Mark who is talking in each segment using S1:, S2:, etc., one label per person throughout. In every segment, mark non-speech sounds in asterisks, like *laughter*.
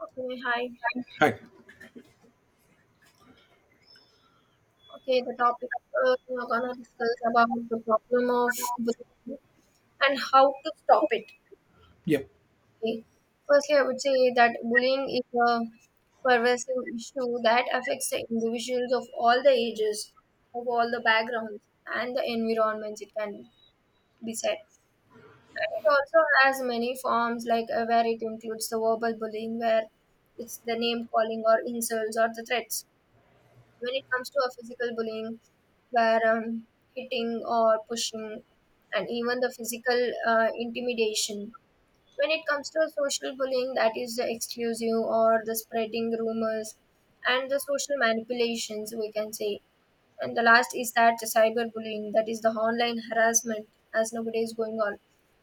S1: Okay, hi.
S2: Hi.
S1: Okay, the topic we are gonna discuss about the problem of bullying and how to stop it.
S2: Yep.
S1: Okay. Firstly, I would say that bullying is a pervasive issue that affects the individuals of all the ages, of all the backgrounds, and the environments. It can be said. And it also has many forms, like where it includes the verbal bullying, where it's the name calling or insults or the threats, when it comes to a physical bullying where hitting or pushing and even the physical intimidation, when it comes to social bullying, that is the exclusive or the spreading rumors and the social manipulations, we can say. And the last is that the cyberbullying, that is the online harassment as nowadays going on,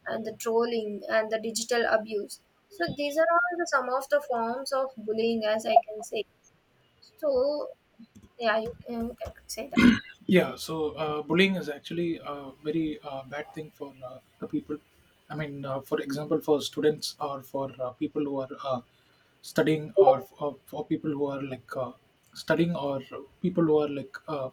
S1: and the trolling and the digital abuse. So these are all the some of the forms of bullying, as I can say. So E aí eu sei.
S2: Yeah, so bullying is actually a very bad thing for the people. I mean, for example, for students or for people who are studying, or for people who are like studying, or people who are like uh,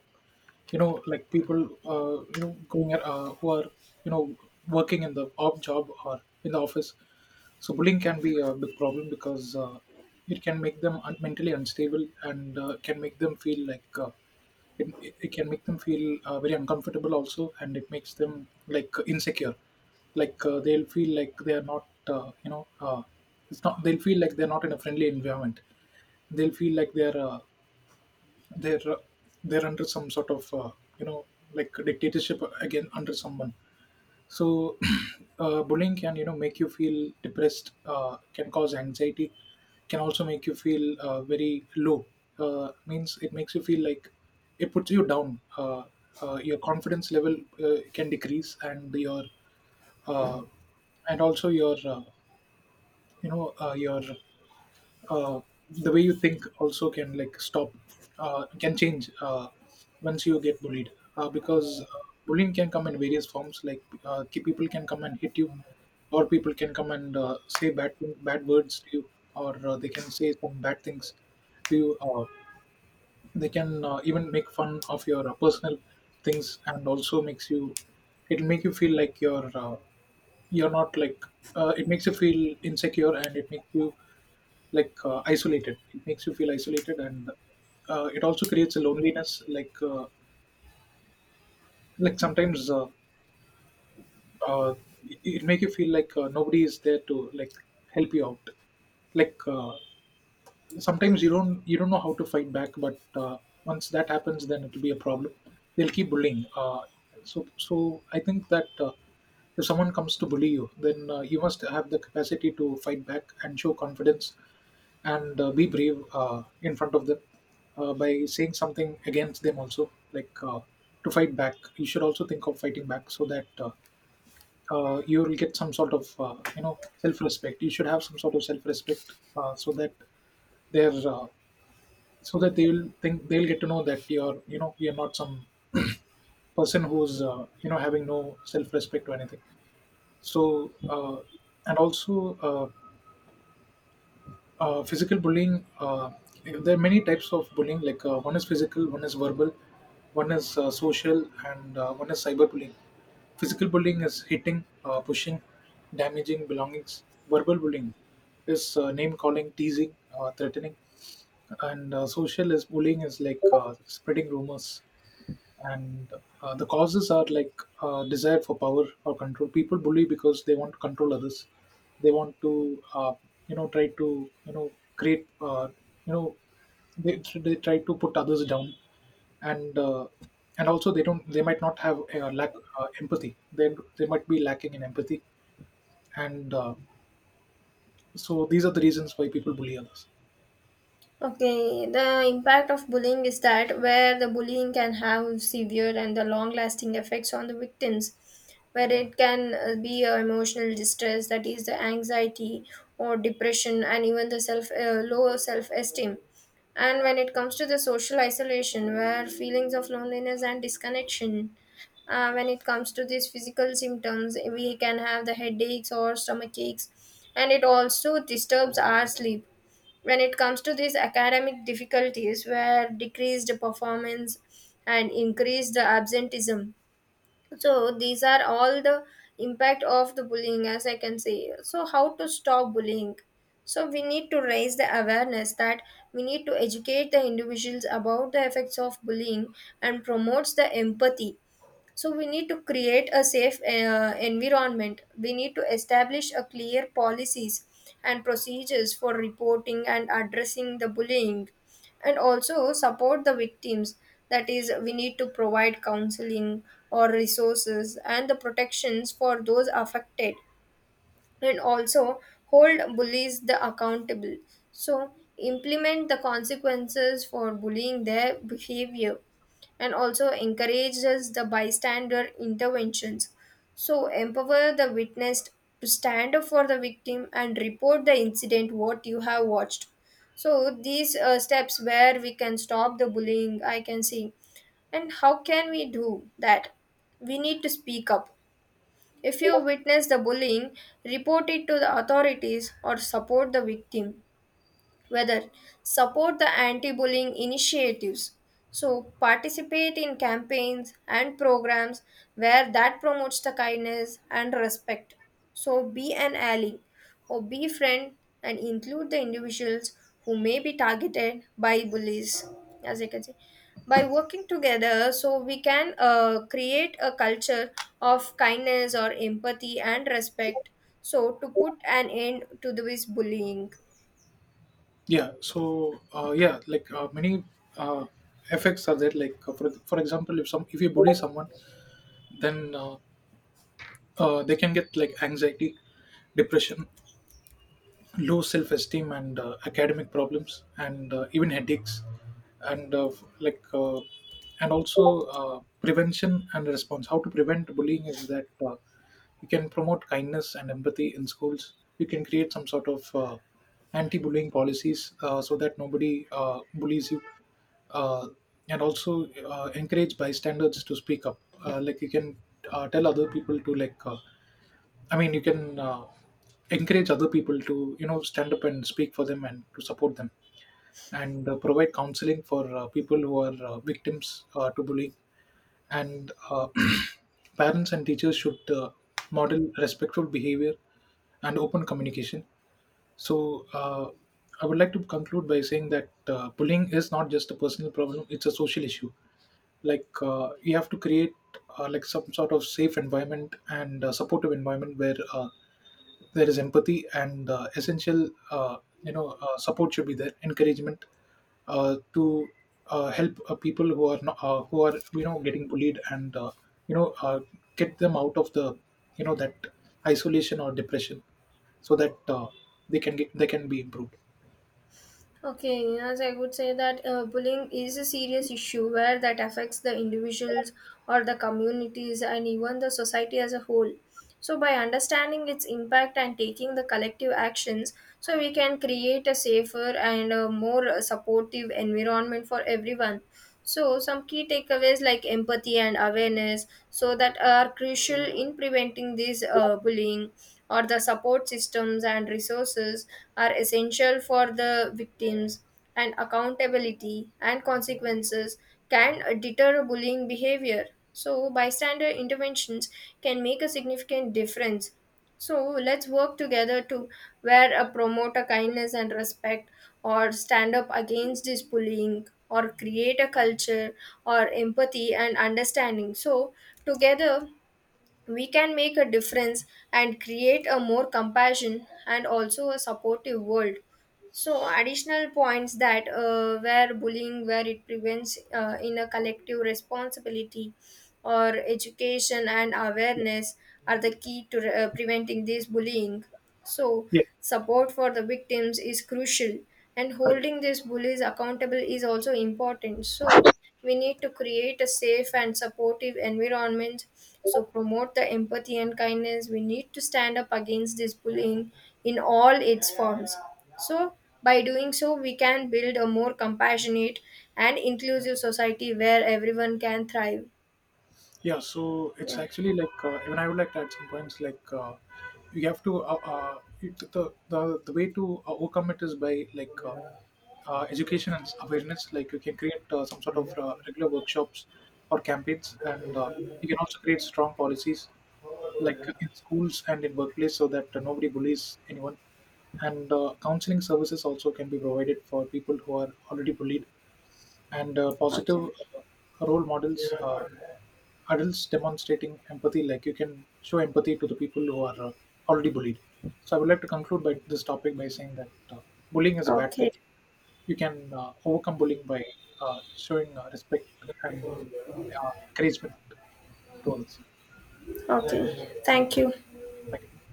S2: you know, like people, going at, who are you know working in the op job or in the office. So bullying can be a big problem because it can make them mentally unstable and can make them feel. It can make them feel very uncomfortable also, and it makes them like insecure, like they'll feel like they are not it's not, they'll feel like they're not in a friendly environment, they'll feel like they're uh, they're under some sort of you know like dictatorship again under someone. So, *clears throat* bullying can, you know, make you feel depressed, can cause anxiety, can also make you feel very low. Means it makes you feel like it puts you down. Your confidence level can decrease, and your uh, and also your you know your uh, the way you think also can like stop, can change, once you get bullied, because bullying can come in various forms, like people can come and hit you, or people can come and bad words to you, or they can say some bad things to you. They can even make fun of your personal things, and also makes you, it'll make you feel like you're not like, it makes you feel insecure and it makes you like isolated, it makes you feel isolated. And it also creates a loneliness, like sometimes uh, it make you feel like nobody is there to like help you out, like sometimes you don't know how to fight back. But once that happens, then it'll be a problem, they'll keep bullying. So I think that if someone comes to bully you, then you must have the capacity to fight back and show confidence, and be brave in front of them, by saying something against them also, like to fight back you should also think of fighting back, so that you will get some sort of, you know, self-respect. You should have some sort of self-respect, so that their so that they will think, they'll get to know that you're, you know, you're not some person who's, you know, having no self-respect or anything. So and also, uh, physical bullying, there are many types of bullying, like one is physical, one is verbal, one is social, and one is cyberbullying. Physical bullying is hitting, pushing, damaging belongings. Verbal bullying is name calling, teasing, threatening. And social is bullying is like spreading rumors. And the causes are like, desire for power or control. People bully because they want to control others, they want to, you know, try to, you know, create, you know they try to put others down. And and also they don't, they might not have, lack empathy, they might be lacking in empathy. And so these are the reasons why people bully others.
S1: Okay, the impact of bullying is that where the bullying can have severe and the long lasting effects on the victims, where it can be emotional distress, that is, the anxiety or depression, and even the self low self esteem. And when it comes to the social isolation, where feelings of loneliness and disconnection, when it comes to these physical symptoms, we can have the headaches or stomach aches, and it also disturbs our sleep. When it comes to these academic difficulties, where decreased performance and increased absenteeism. So these are all the impact of the bullying, as I can say. So how to stop bullying? So we need to raise the awareness, that we need to educate the individuals about the effects of bullying and promotes the empathy. So we need to create a safe environment, we need to establish a clear policies and procedures for reporting and addressing the bullying, and also support the victims, that is, we need to provide counseling or resources and the protections for those affected, and also hold bullies the accountable. So implement the consequences for bullying their behavior, and also encourages the bystander interventions. So empower the witness to stand up for the victim and report the incident what you have watched. So these steps where we can stop the bullying, I can see. And how can we do that? We need to speak up. If you witness the bullying, report it to the authorities or support the victim. Whether support the anti-bullying initiatives, so participate in campaigns and programs where that promotes the kindness and respect. So be an ally or be friend and include the individuals who may be targeted by bullies, as I can say. By working together, so we can create a culture of kindness or empathy and respect, so to put an end to this bullying.
S2: Yeah, so yeah, like many uh, effects are there, like for example, if some, if you bully someone, then they can get like anxiety, depression, low self-esteem, and academic problems, and even headaches. and uh, like uh, and also prevention and response. How to prevent bullying is that you can promote kindness and empathy in schools, you can create some sort of anti-bullying policies, so that nobody bullies you. uh, and also encourage bystanders to speak up. Like you can tell other people to like, I mean, you can encourage other people to, you know, stand up and speak for them and to support them. And provide counseling for people who are victims to bullying. And *clears throat* parents and teachers should model respectful behavior and open communication. So, I would like to conclude by saying that bullying is not just a personal problem, it's a social issue. Like you have to create like some sort of safe environment and supportive environment where there is empathy, and essential support should be there, encouragement to help people who are not, who are, you know, getting bullied. And you know uh, get them out of the, you know, that isolation or depression, so that they can be improved.
S1: Okay, as I would say that bullying is a serious issue where that affects the individuals or the communities and even the society as a whole. So, by understanding its impact and taking the collective actions, so we can create a safer and more supportive environment for everyone. So, some key takeaways like empathy and awareness, so that are crucial in preventing this bullying, or the support systems and resources are essential for the victims, and accountability and consequences can deter bullying behavior. So, bystander interventions can make a significant difference. So let's work together to where a promoter kindness and respect or stand up against this bullying or create a culture or empathy and understanding. So together we can make a difference and create a more compassion and also a supportive world. So additional points that where bullying where it prevents in a collective responsibility or education and awareness are the key to preventing this bullying. So
S2: Yeah.
S1: support for the victims is crucial, and holding these bullies accountable is also important. So we need to create a safe and supportive environment. So promote the empathy and kindness. We need to stand up against this bullying in all its forms. So by doing so, we can build a more compassionate and inclusive society where everyone can thrive.
S2: Yeah, so it's
S1: Yeah.
S2: actually like even I would like to add some points. Like you have to the way to overcome it is by like education and awareness. Like you can create some sort of regular workshops or campaigns, and you can also create strong policies like in schools and in workplace, so that nobody bullies anyone. And counseling services also can be provided for people who are already bullied, and positive
S1: Okay.
S2: uh, role models. Adults demonstrating empathy, like you can show empathy to the people who are already bullied. So I would like to conclude by this topic by saying that bullying is a bad
S1: Okay.
S2: thing. You can overcome bullying by showing respect and encouragement to others.
S1: Okay. Thank you.
S2: Thank you.